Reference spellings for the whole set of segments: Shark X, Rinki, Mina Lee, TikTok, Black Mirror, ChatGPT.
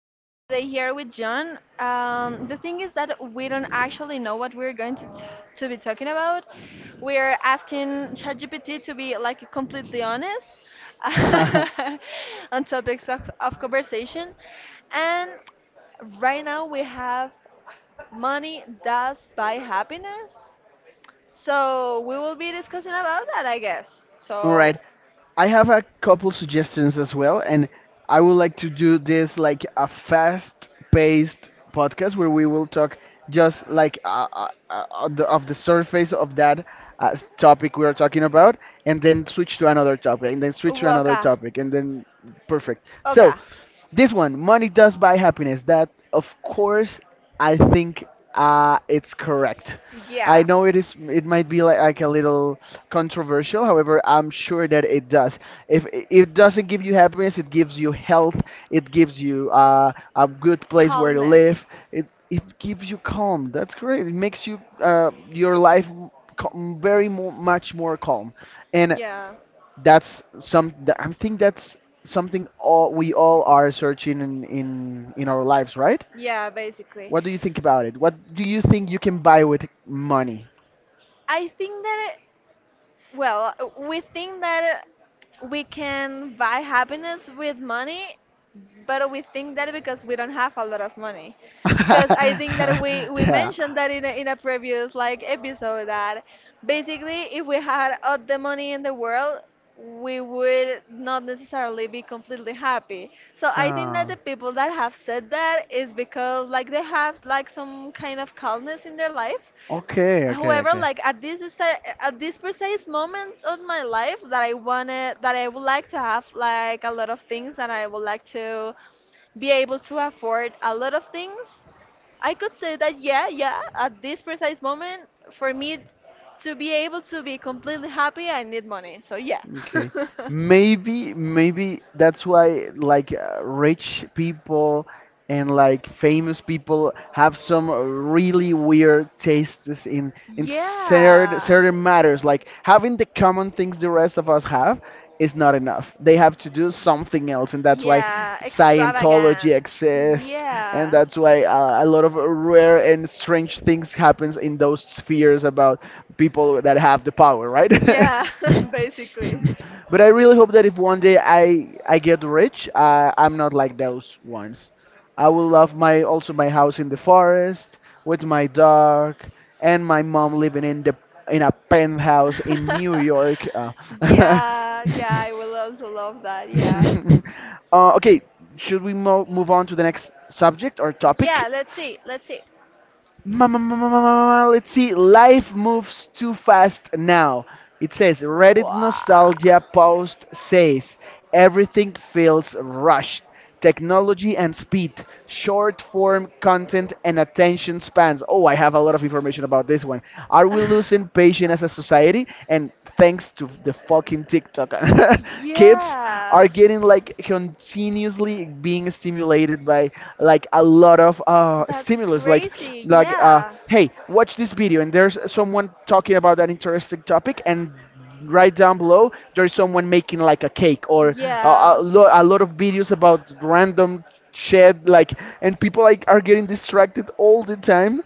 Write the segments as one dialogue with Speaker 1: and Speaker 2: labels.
Speaker 1: today here with John. The thing is that we don't actually know what we're going to be talking about. We're asking ChatGPT to be like completely honest on topics of conversation, and right now we have money does buy happiness. So we will be discussing about that, I guess.
Speaker 2: All right.
Speaker 1: So
Speaker 2: I have a couple suggestions as well, and I would like to do this like a fast-paced podcast where we will talk just like of the surface of that topic we are talking about, and then switch to another topic, and then switch to another
Speaker 1: Waka.
Speaker 2: topic, and then perfect. So,
Speaker 1: Oka.
Speaker 2: this one, money does buy happiness. That of course I think it's correct. I
Speaker 1: Yeah.
Speaker 2: know it is. It might be like, a little controversial. However, I'm sure that it does. If I- it doesn't give you happiness, it gives you health. It gives you a good place where to
Speaker 1: Calmness.
Speaker 2: live. It gives you calm. That's great. It makes you your life very mo much more calm. And
Speaker 1: Yeah.
Speaker 2: I think that's something all we all are searching in in our lives, right?
Speaker 1: Yeah, basically.
Speaker 2: What do you think about it? What do you think you can buy with money?
Speaker 1: I think that Well, we think that we can buy happiness with money, but we think that because we don't have a lot of money. Because I think that we
Speaker 2: Yeah,
Speaker 1: mentioned that in a previous like episode that basically if we had all the money in the world, we would not necessarily be completely happy. So I think that
Speaker 2: yeah,
Speaker 1: the people that have said that is because like they have like some kind of calmness in their life.
Speaker 2: okay, okay,
Speaker 1: However, like at this precise moment of my life that I
Speaker 2: okay.
Speaker 1: wanted that I would like to have like a lot of things and I would like to be able to afford a lot of things, I could say that yeah, at this precise moment for me to be able to be completely happy, I need money. So yeah.
Speaker 2: Okay. Maybe maybe that's why like rich people and like famous people have some really weird tastes in certain
Speaker 1: Yeah.
Speaker 2: certain matters. Like having the common things the rest of us have is not enough, they have to do something else, and that's why
Speaker 1: Yeah, extravagant.
Speaker 2: scientology exists, and
Speaker 1: Yeah.
Speaker 2: that's why a lot of rare and strange things happens in those spheres about people that have the power, right?
Speaker 1: Yeah, basically.
Speaker 2: But I really hope that if one day I get rich, I'm not like those ones. I will love my also my house in the forest with my dog and my mom living in the in a penthouse in New York.
Speaker 1: Yeah, yeah, I will also love that. Yeah.
Speaker 2: Okay, should we move on to the next subject or topic?
Speaker 1: Yeah, let's see. Let's see.
Speaker 2: Let's see. Life moves too fast now. It says Reddit
Speaker 1: Wow.
Speaker 2: nostalgia post says everything feels rushed. Technology and speed, short form content and attention spans. Oh, I have a lot of information about this one. Are we losing patience as a society? And thanks to the fucking TikTok, kids kids are
Speaker 1: Yeah.
Speaker 2: getting like continuously being stimulated by like a lot of
Speaker 1: That's
Speaker 2: stimulus,
Speaker 1: crazy.
Speaker 2: like
Speaker 1: Yeah.
Speaker 2: hey, watch this video and there's someone talking about an interesting topic, and right down below there's someone making like a cake, or
Speaker 1: Yeah.
Speaker 2: a lot of videos about random shit, like, and people like are getting distracted all the time,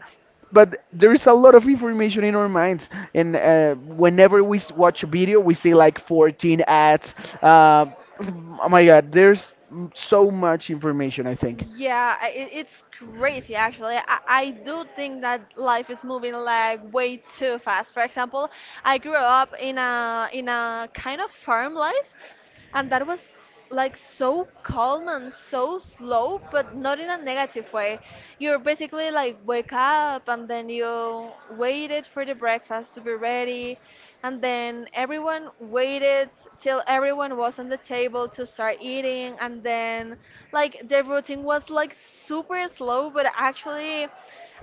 Speaker 2: but there is a lot of information in our minds, and whenever we watch a video we see like 14 ads. uh, oh my god, there's so much information, I think.
Speaker 1: Yeah, it's crazy actually. I do think that life is moving like way too fast. For example, I grew up in a kind of farm life, and that was like so calm and so slow, but not in a negative way. You're basically like wake up and then you waited for the breakfast to be ready, and then everyone waited till everyone was on the table to start eating, and then like the routine was like super slow, but actually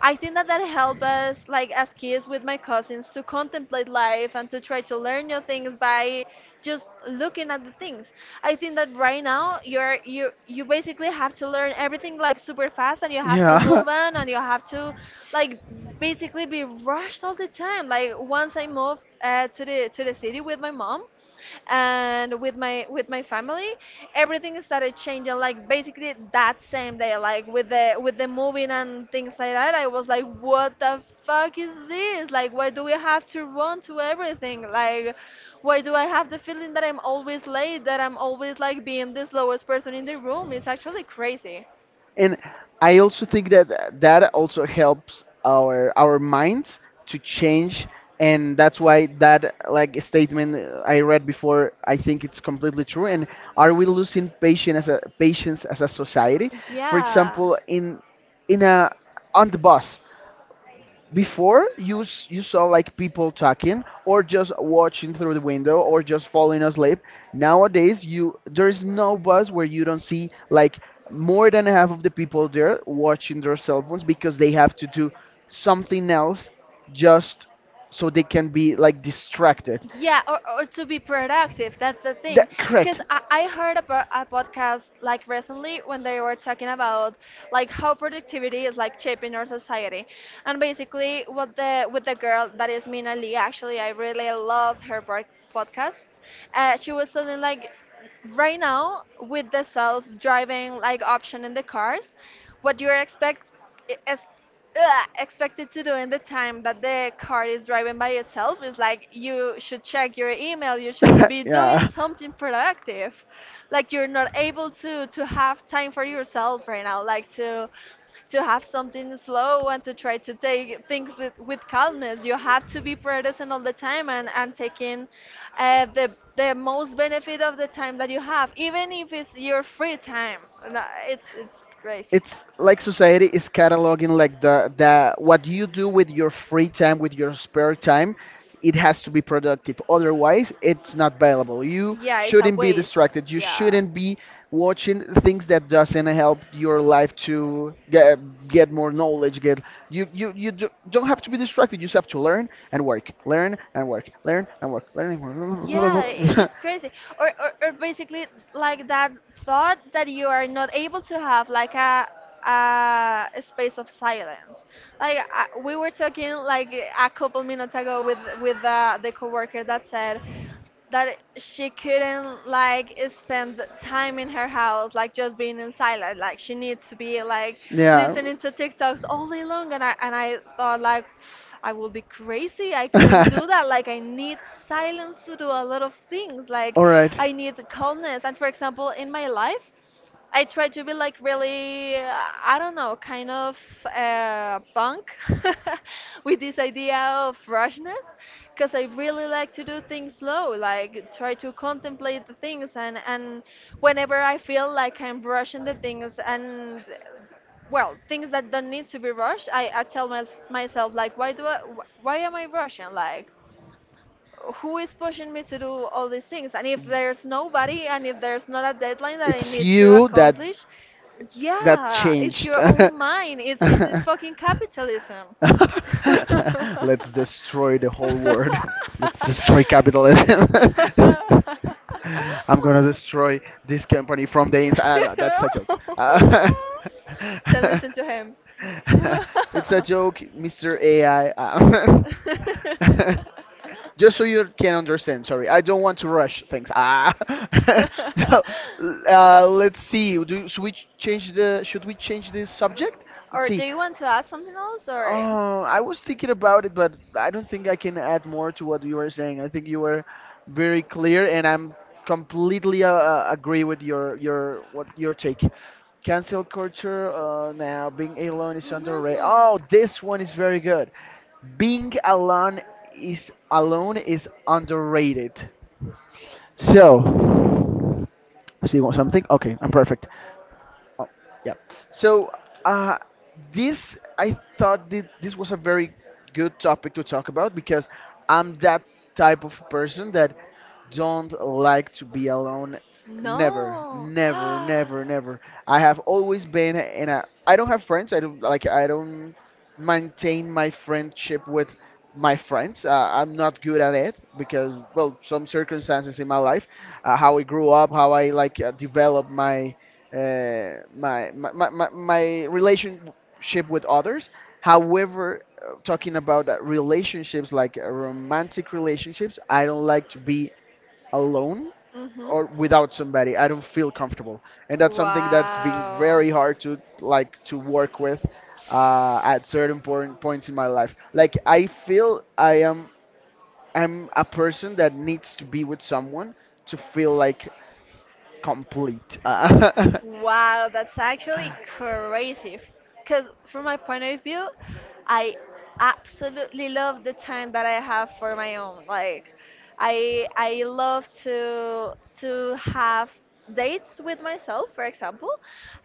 Speaker 1: I think that that helped us like as kids with my cousins to contemplate life and to try to learn new things by just looking at the things. I think that right now you basically have to learn everything like super fast and you have to
Speaker 2: Yeah.
Speaker 1: move on and you have to like basically be rushed all the time. Like once I moved to the city with my mom, and with my family everything started changing like basically that same day like with the moving and things like that I was like what the fuck is this like why do we have to run to everything like why do I have the feeling that I'm always late that I'm always like being this lowest person in the room it's actually crazy.
Speaker 2: And I also think that that also helps our minds to change, and that's why that like statement I read before, I think it's completely true. And are we losing patience as a society? For
Speaker 1: Yeah.
Speaker 2: example, in a on the bus, before you saw like people talking or just watching through the window or just falling asleep. Nowadays you there's no bus where you don't see like more than half of the people there watching their cell phones because they have to do something else, just so they can be like distracted.
Speaker 1: Yeah, or to be productive. That's the thing.
Speaker 2: That
Speaker 1: Because
Speaker 2: correct?
Speaker 1: I heard about a podcast like recently when they were talking about like how productivity is like shaping our society. And basically what the with the girl that is Mina Lee, actually I really loved her podcast. She was telling like right now with the self-driving like option in the cars, what you're expect is expected to do in the time that the car is driving by itself is like you should check your email, you should be doing
Speaker 2: Yeah.
Speaker 1: something productive like you're not able to have time for yourself right now like to have something slow and to try to take things with calmness. You have to be present all the time and taking uh, the the most benefit of the time that you have, even if it's your free time. And it's great.
Speaker 2: It's like society is cataloging like the what you do with your free time, with your spare time. It has to be productive, otherwise it's not valuable. You
Speaker 1: Yeah, it's a
Speaker 2: shouldn't be
Speaker 1: waste.
Speaker 2: distracted, you
Speaker 1: Yeah.
Speaker 2: shouldn't be watching things that doesn't help your life to get more knowledge, get you don't have to be distracted, you just have to learn and work, learn and work, learn and work, learn and
Speaker 1: Yeah,
Speaker 2: work.
Speaker 1: it's crazy. Or basically like that thought that you are not able to have like a space of silence. Like we were talking like a couple minutes ago with the coworker that said that she couldn't like spend the time in her house like just being in silence like she needs to be like
Speaker 2: Yeah.
Speaker 1: listening to TikToks all day long. And I thought like I would be crazy, I couldn't do that. Like I need silence to do a lot of things, like I need calmness. And for example in my life I try to be like really, I don't know, kind of punk with this idea of freshness, because I really like to do things slow, like try to contemplate the things, and whenever I feel like I'm rushing the things and well, things that don't need to be rushed, I tell myself like why do I why am I rushing like who is pushing me to do all these things? And if there's nobody, and if there's not a deadline that I need to
Speaker 2: You that
Speaker 1: accomplish,
Speaker 2: that
Speaker 1: yeah, it's
Speaker 2: changed.
Speaker 1: your own mind. It's fucking capitalism.
Speaker 2: Let's destroy the whole world. Let's destroy capitalism. I'm gonna destroy this company from the inside. Ah, no, that's a joke.
Speaker 1: Then listen to him.
Speaker 2: It's a joke, Mr. AI. Uh, just so you can understand. Sorry, I don't want to rush things. Ah, so let's see. Should we change the? Should we change the subject? Let's
Speaker 1: Or do
Speaker 2: see.
Speaker 1: you want to add something else or?
Speaker 2: Oh, I was thinking about it, but I don't think I can add more to what you were saying. I think you were very clear, and I'm completely agree with your take. Cancel culture. Now being alone is
Speaker 1: Hmm.
Speaker 2: underrated. Oh, this one is very good. Being alone is underrated. So, see what something? Okay, I'm perfect. Oh, yeah. So, uh, this I thought that this was a very good topic to talk about because I'm that type of person that don't like to be alone. Never,
Speaker 1: No.
Speaker 2: never, never, never. I have always been in a. I don't have friends. I don't like. I don't maintain my friendship with my friends. I'm not good at it because, well, some circumstances in my life, how I grew up, how I like developed my my relationship with others. However, talking about relationships like romantic relationships, I don't like to be alone
Speaker 1: Hmm.
Speaker 2: or without somebody. I don't feel comfortable, and that's something that's been
Speaker 1: Wow.
Speaker 2: very hard to like to work with at certain points in my life. Like I feel I'm a person that needs to be with someone to feel like complete.
Speaker 1: Wow, that's actually crazy. Because from my point of view, I absolutely love the time that I have for my own. Like, I love to have dates with myself, for example.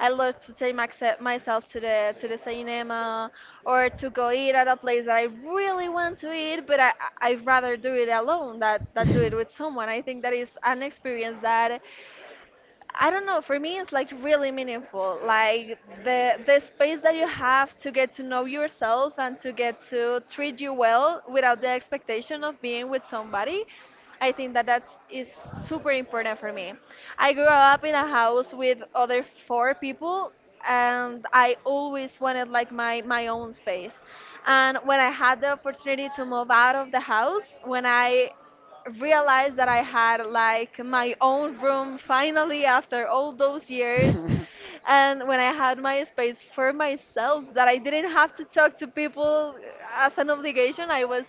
Speaker 1: I love to take myself to the cinema or to go eat at a place that I really want to eat, but I I'd rather do it alone that do it with someone. I think that is an experience that I don't know. For me, it's like really meaningful. Like the space that you have to get to know yourself and to get to treat you well without the expectation of being with somebody. I think that that is super important for me. I grew up in a house with other four people and I always wanted like my own space. And when I had the opportunity to move out of the house, when I realized that I had like my own room finally after all those years, and when I had my space for myself, that I didn't have to talk to people as an obligation, I was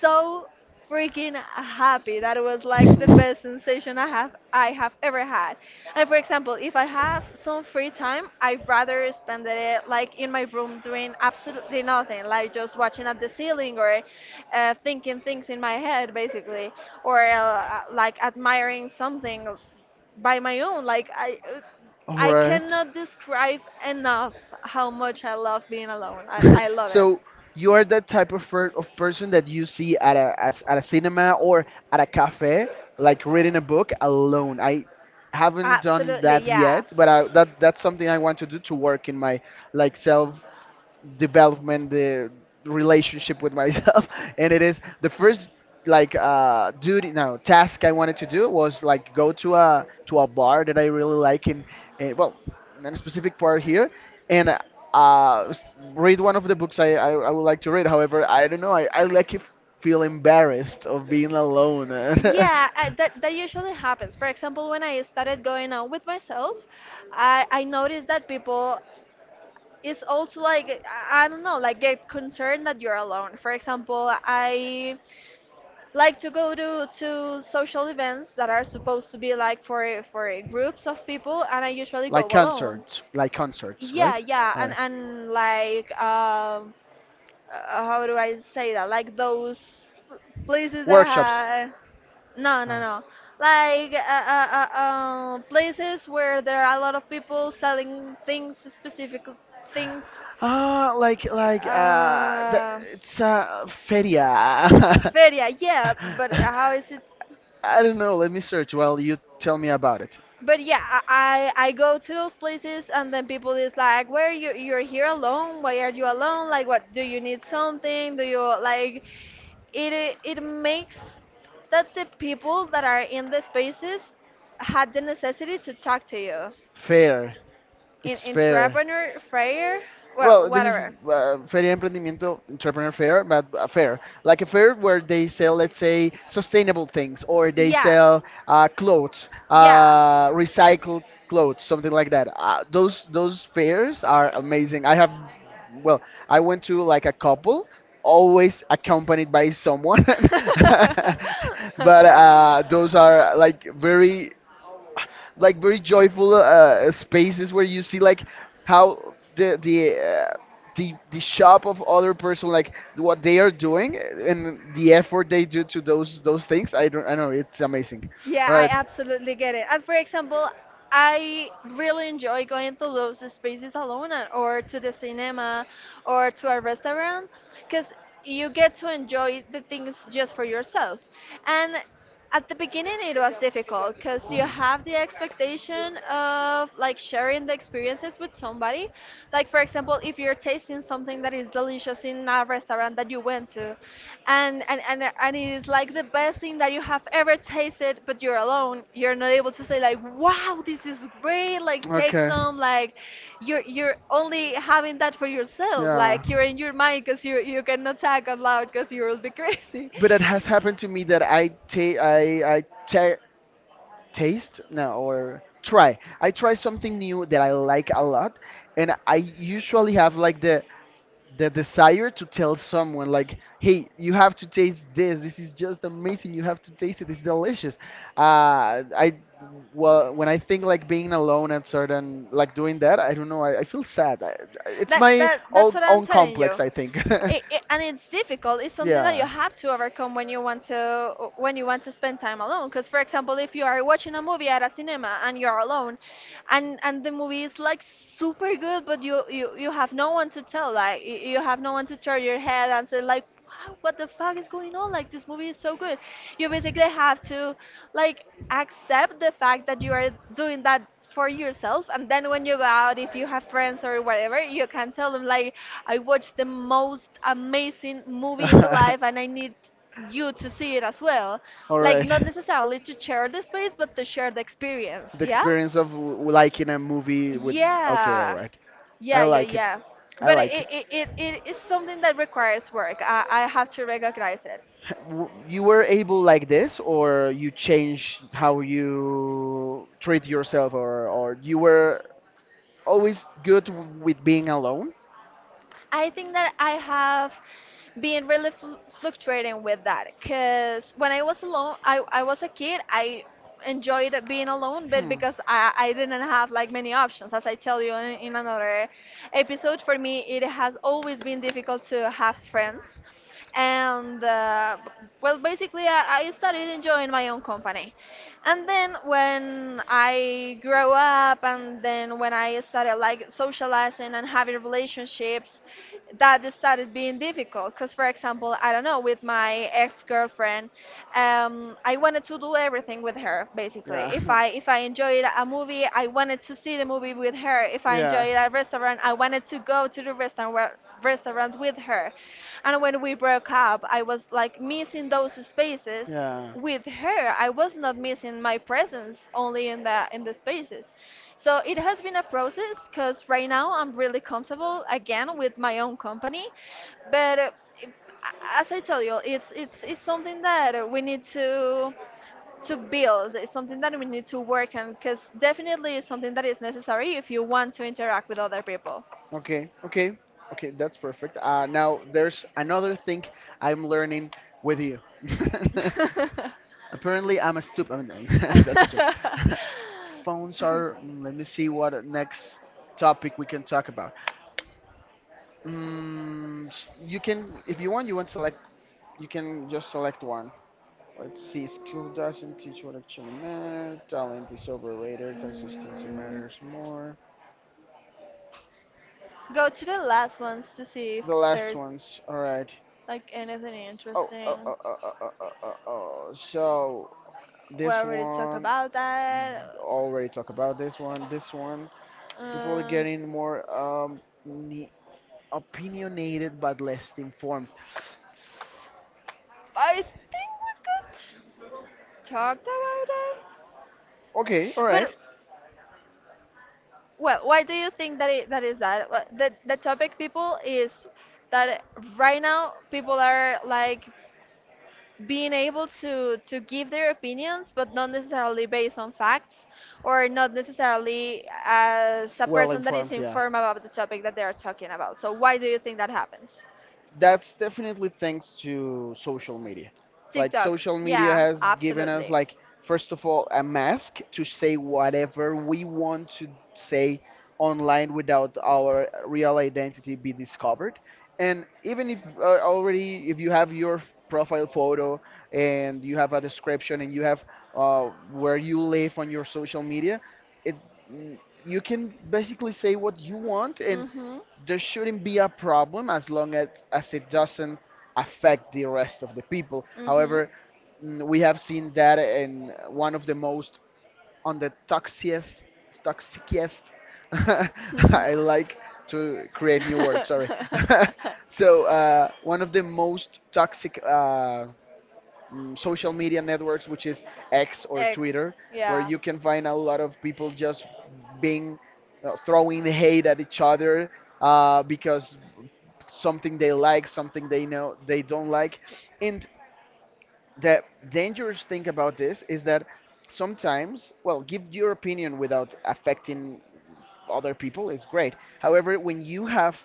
Speaker 1: so freaking happy. That was like the best sensation I have ever had. And for example, if I have some free time, I'd rather spend it like in my room doing absolutely nothing, like just watching at the ceiling or thinking things in my head, basically, or like admiring something by my own. Like
Speaker 2: All
Speaker 1: I
Speaker 2: right.
Speaker 1: cannot describe enough how much I love being alone. I love it.
Speaker 2: So you are that type of, person that you see at a as, at a cinema or at a cafe, like reading a book alone. I haven't done
Speaker 1: Absolutely,
Speaker 2: that
Speaker 1: yeah.
Speaker 2: yet, but that that's something I want to do, to work in my like self development, the relationship with myself. And it is the first like duty no task I wanted to do was like go to a bar that I really like in well in a specific part here and uh s- read one of the books I would like to read. However, I don't know, I like feel embarrassed of being alone.
Speaker 1: Yeah, that usually happens. For example, when I started going out with myself, I noticed that people is also like I don't know, like get concerned that you're alone. For example, I like to go to social events that are supposed to be like for groups of people, and I usually go alone.
Speaker 2: Like concerts, right?
Speaker 1: Yeah, yeah.
Speaker 2: All
Speaker 1: and
Speaker 2: right.
Speaker 1: and like how do I say that, like those places that
Speaker 2: Workshops.
Speaker 1: have— no no
Speaker 2: Ah.
Speaker 1: no, like places where there are a lot of people selling things, specific things.
Speaker 2: Ah, like the,
Speaker 1: uh
Speaker 2: it's feria.
Speaker 1: Feria, yeah, but
Speaker 2: I
Speaker 1: how is it?
Speaker 2: don't know. Let me search while you tell me about it.
Speaker 1: But yeah, I I go to those places and then people is like, "Where you you're here alone? Why are you alone? Like, what do you need something? Do you like it?" It makes that the people that are in the spaces had the necessity to talk to you
Speaker 2: Fair.
Speaker 1: in
Speaker 2: It's fair.
Speaker 1: entrepreneur fair, well,
Speaker 2: Well, this is
Speaker 1: whatever.
Speaker 2: Feria Emprendimiento Entrepreneur Fair, but a fair, like a fair where they sell, let's say, sustainable things, or they
Speaker 1: Yeah,
Speaker 2: sell clothes,
Speaker 1: yeah.
Speaker 2: recycled clothes, something like that. Those fairs are amazing. I have,
Speaker 1: I
Speaker 2: well, I
Speaker 1: went
Speaker 2: went
Speaker 1: to
Speaker 2: to like a
Speaker 1: like
Speaker 2: couple,
Speaker 1: always.
Speaker 2: always accompanied by someone,
Speaker 1: But
Speaker 2: but those
Speaker 1: those are—
Speaker 2: are like very joyful spaces where you see like how the shop of other person like what they are doing and the effort they do to those things. I don't I know it's amazing.
Speaker 1: Yeah,
Speaker 2: All
Speaker 1: I
Speaker 2: right.
Speaker 1: absolutely get it. And for example, I really enjoy going to those spaces alone and— or to the cinema or to a restaurant because you get to enjoy the things just for yourself. And at the beginning, it was difficult because you
Speaker 2: Hmm.
Speaker 1: have the expectation of like sharing the experiences with somebody. Like for example, if you're tasting something that is delicious in a restaurant that you went to, and it is like the best thing that you have ever tasted, but you're alone, you're not able to say like, wow, this is great. Like take
Speaker 2: Okay.
Speaker 1: some. Like you're only having that for yourself.
Speaker 2: Yeah.
Speaker 1: Like you're in your mind because you cannot talk out loud because you will be crazy.
Speaker 2: But it has happened to me that I take I ta taste no or try I try something new that I like a lot, and I usually have like the desire to tell someone like hey, you have to taste this, this is just amazing, you have to taste it, it's delicious. I Well, when I think like being alone at certain like doing that, I don't know, I feel sad. It's
Speaker 1: That
Speaker 2: my
Speaker 1: that that's what I'm
Speaker 2: own
Speaker 1: telling you.
Speaker 2: complex, I think.
Speaker 1: And it's difficult. It's something that you
Speaker 2: Yeah.
Speaker 1: have to overcome when you want to spend time alone. Because for example, if you are watching a movie at a cinema and you're alone, and the movie is like super good, but you have no one to tell. Like you have no one to turn your head and say like, wow, what the fuck is going on? Like, this movie is so good. You basically have to, like, accept the fact that you are doing that for yourself. And then when you go out, if you have friends or whatever, you can tell them, like, I watched the most amazing movie in the life and I need you to see it as well.
Speaker 2: All
Speaker 1: Like,
Speaker 2: right.
Speaker 1: not necessarily to share the space, but to share the experience.
Speaker 2: The
Speaker 1: Yeah?
Speaker 2: experience of liking a movie with. Okay, all
Speaker 1: Yeah,
Speaker 2: right. I
Speaker 1: yeah, yeah,
Speaker 2: like it.
Speaker 1: yeah.
Speaker 2: I
Speaker 1: But
Speaker 2: like
Speaker 1: it,
Speaker 2: it.
Speaker 1: it, it, it is something that requires work. I have to recognize it.
Speaker 2: W- You were able like this, or you changed how you treat yourself, or you were always good with being alone?
Speaker 1: I think that I have been really fluctuating with that because when I was alone, I was a kid, I enjoyed being alone, but
Speaker 2: Hmm.
Speaker 1: because I didn't have like many options, as I tell you in another episode, for me it has always been difficult to have friends. And well, basically, I started enjoying my own company. And then when I grew up, and then when I started like socializing and having relationships, that just started being difficult because, for example, I don't know, with my ex-girlfriend, I wanted to do everything with her. Basically, if I if I enjoyed a movie, I wanted to see the movie with her. If I enjoyed a restaurant, I wanted to go to the restaurant with her. And when we broke up, I was like missing those spaces
Speaker 2: Yeah.
Speaker 1: with her. I was not missing my presence only in the spaces. So it has been a process because right now I'm really comfortable again with my own company, but as I tell you, it's something that we need to build. It's something that we need to work on because definitely it's something that is necessary if you want to interact with other people.
Speaker 2: Okay, okay, okay, that's perfect. Now there's another thing I'm learning with you. Apparently, I'm a stupid. I mean, that's a joke. Phones are. Let me see what next topic we can talk about. You can, if you want, you want select. You can just select one. Let's see. School doesn't teach what actually matters. Talent is overrated.
Speaker 1: Mm,
Speaker 2: Consistency
Speaker 1: mm.
Speaker 2: matters more.
Speaker 1: Go to the last ones to see if
Speaker 2: The last
Speaker 1: there's
Speaker 2: ones. All right.
Speaker 1: like anything
Speaker 2: Oh, oh,
Speaker 1: interesting.
Speaker 2: oh, oh, oh, oh, oh, oh. Oh. So
Speaker 1: We
Speaker 2: this
Speaker 1: already talked
Speaker 2: one
Speaker 1: about that.
Speaker 2: already talked about this one. This one. People are
Speaker 1: Um,
Speaker 2: getting more opinionated but less informed.
Speaker 1: I think we could talk about that.
Speaker 2: Okay, all right.
Speaker 1: But well, why do you think that that is that? The topic people is that right now people are like being able to give their opinions, but not necessarily based on facts, or not necessarily as a
Speaker 2: Well
Speaker 1: person that is
Speaker 2: informed, yeah.
Speaker 1: informed about the topic that they are talking about. So why do you think that happens?
Speaker 2: That's definitely thanks to social media. Like
Speaker 1: TikTok,
Speaker 2: social media
Speaker 1: yeah,
Speaker 2: has given us
Speaker 1: absolutely.
Speaker 2: like first of all a mask to say whatever we want to say online without our real identity be discovered. And even if already if you have your profile photo and you have a description and you have where you live on your social media, it you can basically say what you want, and
Speaker 1: Mm-hmm.
Speaker 2: there shouldn't be a problem as long as it doesn't affect the rest of the people.
Speaker 1: Mm-hmm.
Speaker 2: However, we have seen that in one of the most, on the toxiest toxicest. I like to create new words, sorry. So one of the most toxic, social media networks, which is X or Twitter, where you can find a lot of people just being throwing hate at each other, because something they like, something they know they don't like. And the dangerous thing about this is that sometimes, well, give your opinion without affecting other people is great. However, when you have,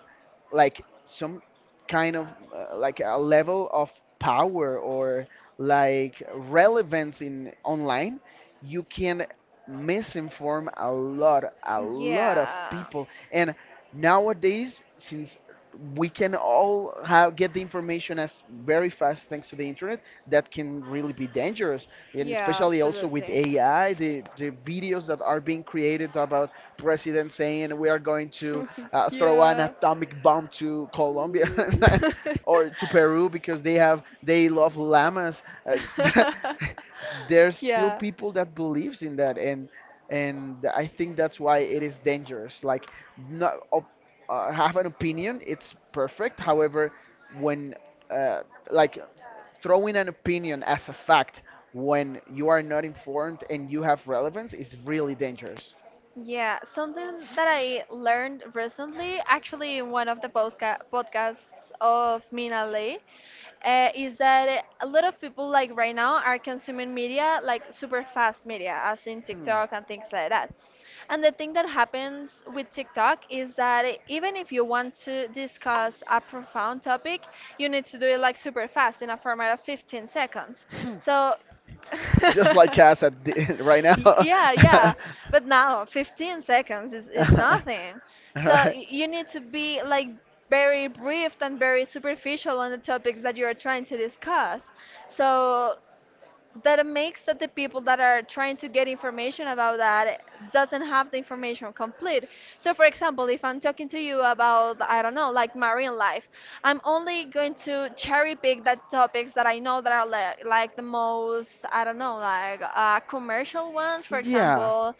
Speaker 2: like, some kind of, like, a level of power or like relevance in online, you can misinform a lot of
Speaker 1: Yeah.
Speaker 2: people. And nowadays, since we can all get the information as very fast thanks to the internet, that can really be dangerous. And
Speaker 1: Yeah,
Speaker 2: especially also with
Speaker 1: absolutely.
Speaker 2: AI, the videos that are being created about presidents saying we are going to, throw an
Speaker 1: yeah.
Speaker 2: atomic bomb to Colombia, or to Peru, because they love llamas, there's still
Speaker 1: yeah.
Speaker 2: people that believes in that. And I think that's why it is dangerous, like, not op-, have an opinion, it's perfect. However, when, uh, like, throwing an opinion as a fact when you are not informed and you have relevance is really dangerous.
Speaker 1: Yeah, something that I learned recently, actually in one of the podcasts of Mina Lee, is that a lot of people like right now are consuming media like super fast media, as in TikTok and things like that. And the thing that happens with TikTok is that even if you want to discuss a profound topic, you need to do it like super fast in a format of 15 seconds. So
Speaker 2: Like Cass at the, right now.
Speaker 1: Y-
Speaker 2: Literally,
Speaker 1: yeah, yeah.
Speaker 2: but...
Speaker 1: But now 15 seconds is nothing. So
Speaker 2: Right.
Speaker 1: you need to be like very brief and very superficial on the topics that you are trying to discuss. So that it makes that the people that are trying to get information about that doesn't have the information complete. So, for example, if I'm talking to you about, I don't know, like marine life, I'm only going to cherry pick the topics that I know that are like, the most, I don't know, like commercial ones, for
Speaker 2: Yeah,
Speaker 1: example.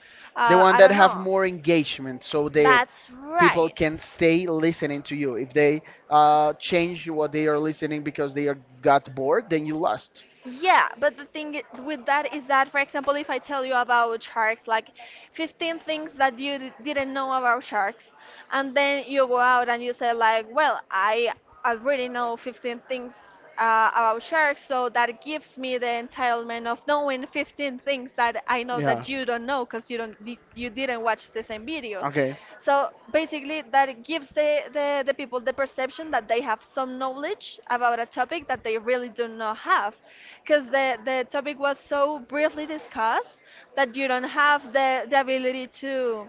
Speaker 2: the one
Speaker 1: I
Speaker 2: that
Speaker 1: don't
Speaker 2: have
Speaker 1: know.
Speaker 2: more engagement, so the
Speaker 1: That's
Speaker 2: people
Speaker 1: right.
Speaker 2: can stay listening to you. If they, change what they are listening because they are got bored, then you lost.
Speaker 1: Yeah, but the thing with that is that, for example, if I tell you about sharks, like 15 things that you didn't know about sharks, and then you go out and you say, like, well, I already know 15 things about sharks, so that gives me the entitlement of knowing 15 things that I know
Speaker 2: Yeah.
Speaker 1: that you don't know because you don't you didn't watch the same video.
Speaker 2: Okay.
Speaker 1: So basically, that gives the people the perception that they have some knowledge about a topic that they really do not have. Because the topic was so briefly discussed that you don't have the ability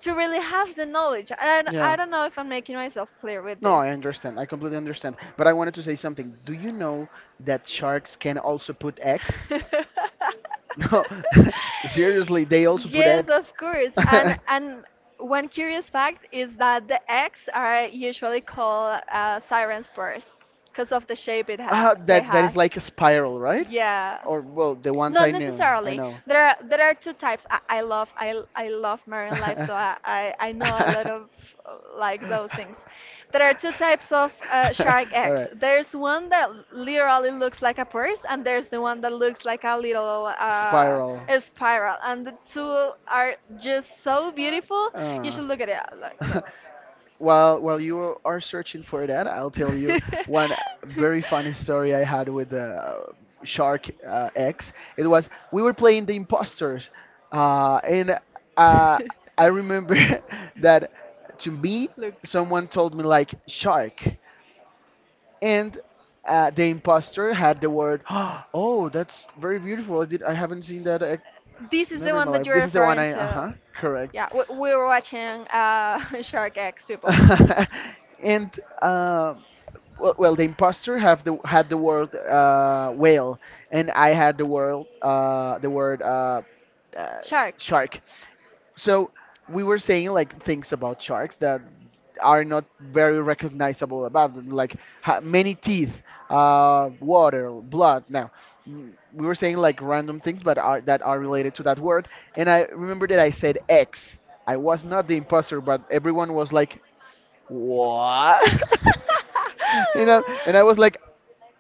Speaker 1: to really have the knowledge. I
Speaker 2: Yeah.
Speaker 1: don't know if I'm making myself clear with
Speaker 2: No, I
Speaker 1: this.
Speaker 2: understand. I completely understand. But I wanted to say something. Do you know that sharks can also put eggs? No. Seriously, they also put
Speaker 1: Yes,
Speaker 2: eggs.
Speaker 1: of course. And one curious fact is that the eggs are usually called siren spurs because of the shape it ha
Speaker 2: Uh,
Speaker 1: they
Speaker 2: that that
Speaker 1: have.
Speaker 2: is like a spiral, right?
Speaker 1: Yeah.
Speaker 2: Or well, the ones
Speaker 1: Not
Speaker 2: I knew, I
Speaker 1: necessarily.
Speaker 2: know.
Speaker 1: There are two types. I love marine life, so I know a lot of like those things. There are two types of shark
Speaker 2: All right.
Speaker 1: eggs. There's one that literally looks like a purse, and there's the one that looks like a little
Speaker 2: Spiral.
Speaker 1: a spiral. And the two are just so beautiful. You
Speaker 2: Uh.
Speaker 1: should look at it. Look,
Speaker 2: While you are searching for that, I'll tell you one
Speaker 1: look.
Speaker 2: very funny story I had with the, Shark, X. It was We were playing the imposters, and, uh, I remember that, to me,
Speaker 1: Look.
Speaker 2: someone told me, like, shark. And, the imposter had the word. Oh, that's very beautiful. I haven't seen that,
Speaker 1: This is the
Speaker 2: never in my
Speaker 1: one that
Speaker 2: life.
Speaker 1: you're
Speaker 2: This is the one
Speaker 1: referring
Speaker 2: I, uh huh
Speaker 1: to.
Speaker 2: correct.
Speaker 1: Yeah, we were watching Shark X, people.
Speaker 2: And, well, the imposter have the had the word, whale, and I had the word, uh,
Speaker 1: Shark.
Speaker 2: shark. So we were saying, like, things about sharks that are not very recognizable about them, like, many teeth, water, blood. Now, we were saying, like, random things, but, are that are related to that word. And I remember that I said X. I was not the imposter, but everyone was like, what? And I was like,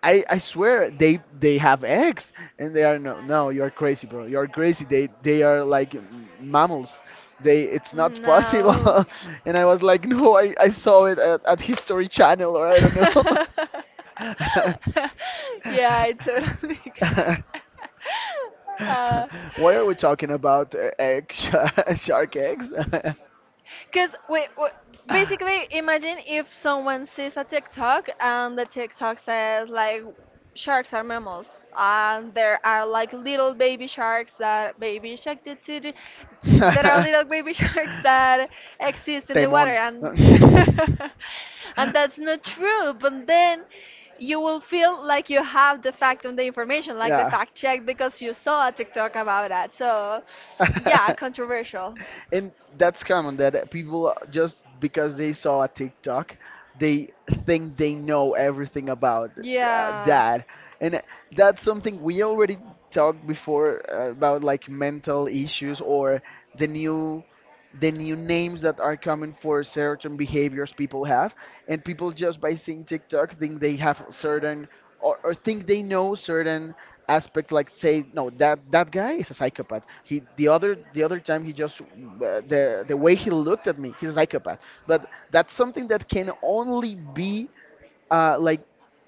Speaker 2: I swear they have eggs. And they are, no, no, you're crazy, bro, you're crazy, they are like, m-, mammals, they it's not possible.
Speaker 1: No.
Speaker 2: And I was like, no, I saw it at History Channel, or I don't know.
Speaker 1: yeah, I totally get uh,
Speaker 2: Why are we talking about, shark eggs?
Speaker 1: because we wait, basically, imagine if someone sees a TikTok and the TikTok says like sharks are mammals, and there are like little baby sharks that baby shark did there are little baby sharks that exist in the water,
Speaker 2: Temón.
Speaker 1: and and that's not true. But then you will feel like you have the fact and the information, like the
Speaker 2: Yeah.
Speaker 1: fact check, because you saw a TikTok about that. So yeah, controversial.
Speaker 2: And that's common that people, just because they saw a TikTok, they think they know everything about,
Speaker 1: Yeah.
Speaker 2: that. And that's something we already talked before, about, like, mental issues or the new the new names that are coming for certain behaviors people have. And people, just by seeing TikTok, think they have certain, or think they know certain aspects. Like, say, no, that guy is a psychopath. He The other time he just, the way he looked at me, he's a psychopath. But that's something that can only be, like,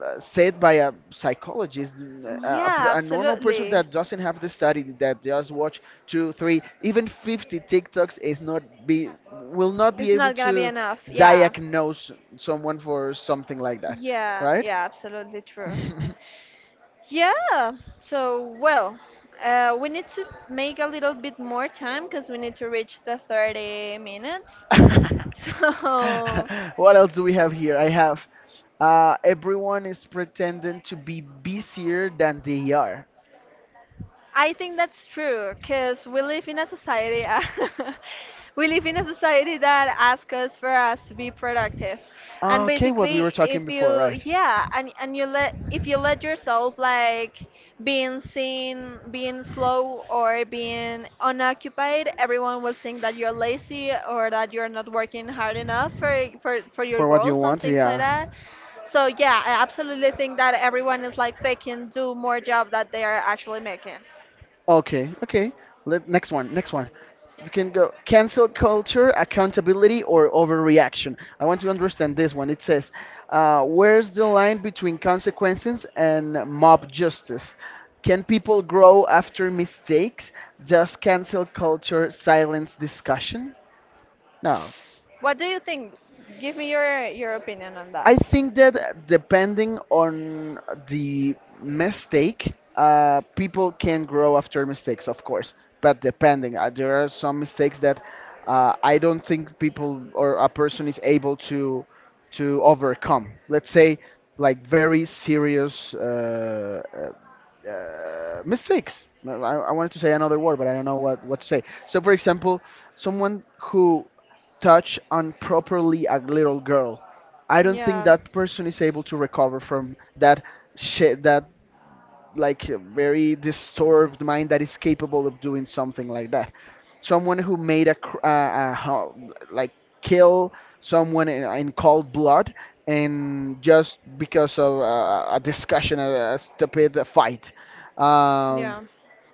Speaker 2: said by a psychologist. A, a
Speaker 1: Yeah,
Speaker 2: per- a normal person
Speaker 1: absolutely.
Speaker 2: that doesn't have the study, that just watch two, three, even 50 TikToks is not be, will not be
Speaker 1: It's
Speaker 2: able
Speaker 1: not gonna be
Speaker 2: to
Speaker 1: enough. Yeah.
Speaker 2: diagnose someone for something like that,
Speaker 1: Yeah,
Speaker 2: right?
Speaker 1: yeah, absolutely true. Yeah, so well, we need to make a little bit more time because we need to reach the 30 minutes. So,
Speaker 2: What else do we have here? I have, everyone is pretending to be busier than they are.
Speaker 1: I think that's true because we live in a society, we live in a society that asks us for us to be productive. And
Speaker 2: Okay, what we were
Speaker 1: basically
Speaker 2: talking
Speaker 1: if
Speaker 2: before,
Speaker 1: you,
Speaker 2: right?
Speaker 1: yeah, and you let, if you let yourself like being seen being slow or being unoccupied, everyone will think that you're lazy or that you're not working hard enough for for your
Speaker 2: For what you
Speaker 1: goals and
Speaker 2: want,
Speaker 1: things like
Speaker 2: yeah.
Speaker 1: that. So yeah, I absolutely think that everyone is like faking do more job that they are actually making.
Speaker 2: Okay, okay. Next one, next one. You can go cancel culture, accountability, or overreaction. I want to understand this one. It says, where's the line between consequences and mob justice? Can people grow after mistakes? Does cancel culture silence discussion? No.
Speaker 1: What do you think? Give me your opinion on
Speaker 2: I
Speaker 1: that.
Speaker 2: think that, depending on the mistake, people can grow after mistakes, of course. But depending, there are some mistakes that, I don't think people or a person is able to overcome. Let's say, like, very serious, mistakes. I wanted to say another word, but I don't know what to say. So, for example, someone who touch on properly a little girl, I don't think
Speaker 1: Yeah.
Speaker 2: that person is able to recover from that. That, like, very disturbed mind that is capable of doing something like that. Someone who made, a, cr- a ho- like, kill someone in cold blood, and just because of, a discussion, a stupid fight. Um,
Speaker 1: Yeah.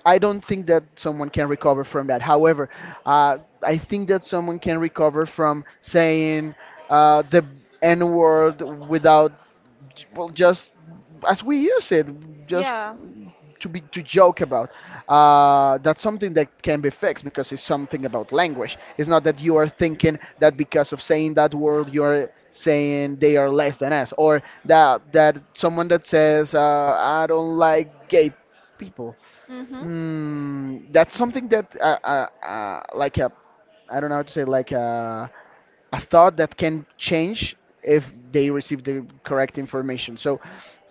Speaker 2: I don't think that someone can recover from that. However, I think that someone can recover from saying, the N word without, well, just as we use it, just
Speaker 1: Yeah.
Speaker 2: to joke about. That's something that can be fixed, because it's something about language. It's not that you are thinking that because of saying that word you're saying they are less than us, or that that someone that says, I don't like gay people.
Speaker 1: Mhm.
Speaker 2: That's something that, like a I don't know how to say, like a thought that can change if they receive the correct information. So,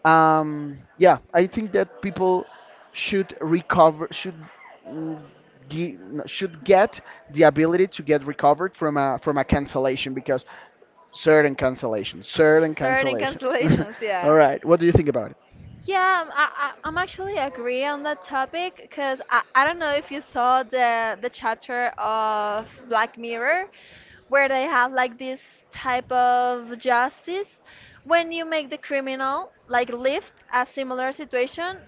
Speaker 2: yeah, I think that people should recover, should, mm, no, should get the ability to get recovered from a cancellation. Because, certain cancellation, certain
Speaker 1: Certain
Speaker 2: cancellation.
Speaker 1: cancellations,
Speaker 2: All
Speaker 1: yeah.
Speaker 2: right, what do you think about it?
Speaker 1: Yeah, I'm actually agree on that topic because I don't know if you saw the chapter of Black Mirror where they have like this type of justice when you make the criminal like live a similar situation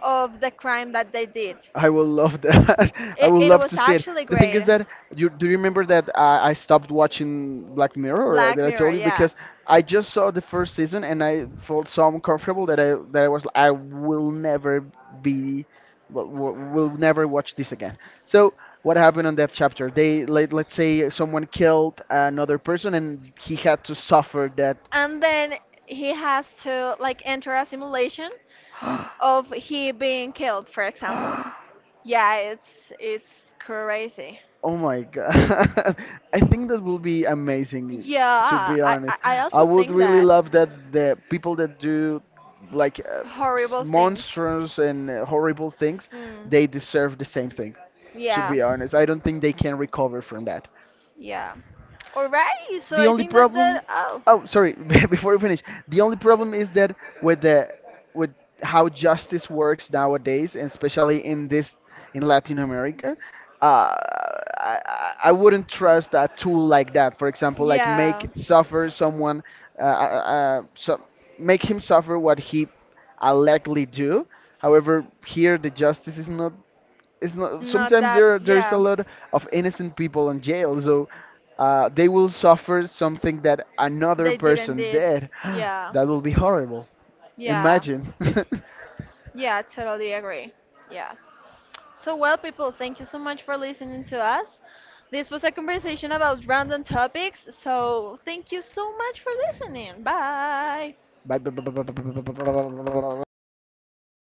Speaker 1: of the crime that they did.
Speaker 2: I will love that. I
Speaker 1: It,
Speaker 2: would
Speaker 1: it
Speaker 2: love to
Speaker 1: was
Speaker 2: see it.
Speaker 1: actually
Speaker 2: The thing
Speaker 1: great.
Speaker 2: is that, you do you remember that I stopped watching Black Mirror,
Speaker 1: Black
Speaker 2: that I
Speaker 1: Mirror,
Speaker 2: told you,
Speaker 1: yeah.
Speaker 2: because I just saw the first season and I felt so uncomfortable that I was like, I will never be, will, will never watch this again. So what happened on that chapter? They, let's say someone killed another person and he had to suffer that.
Speaker 1: Then he has to like enter a simulation of he being killed, for example. Yeah, it's crazy.
Speaker 2: Oh my God. I think that will be amazing, to
Speaker 1: Yeah,
Speaker 2: be
Speaker 1: I I
Speaker 2: honest.
Speaker 1: I
Speaker 2: I
Speaker 1: also
Speaker 2: would
Speaker 1: think
Speaker 2: really love that the people that do, like,
Speaker 1: horrible things.
Speaker 2: monstrous and, horrible things,
Speaker 1: Mm,
Speaker 2: they deserve the same thing, to
Speaker 1: yeah.
Speaker 2: be honest. I don't think they can recover from.
Speaker 1: Yeah. All right. So
Speaker 2: The
Speaker 1: I
Speaker 2: only
Speaker 1: think that
Speaker 2: problem,
Speaker 1: that oh.
Speaker 2: oh, sorry, before we finish, the only problem is that, with the, with how justice works nowadays, and especially in Latin America, uh, I wouldn't trust a tool like that. For example, like,
Speaker 1: Yeah.
Speaker 2: make suffer someone, so make him suffer what he allegedly do. However, here the justice is not, it's not,
Speaker 1: Not
Speaker 2: sometimes,
Speaker 1: that.
Speaker 2: there is a
Speaker 1: Yeah.
Speaker 2: lot of innocent people in jail. So, they will suffer something that another
Speaker 1: They didn't
Speaker 2: person
Speaker 1: did.
Speaker 2: did,
Speaker 1: Yeah.
Speaker 2: that will be horrible,
Speaker 1: Yeah.
Speaker 2: imagine.
Speaker 1: Yeah. Totally agree. Yeah. So, well, people, thank you so much for listening to us. This was a conversation about random topics, so thank you so much for listening. Bye.
Speaker 2: Bye.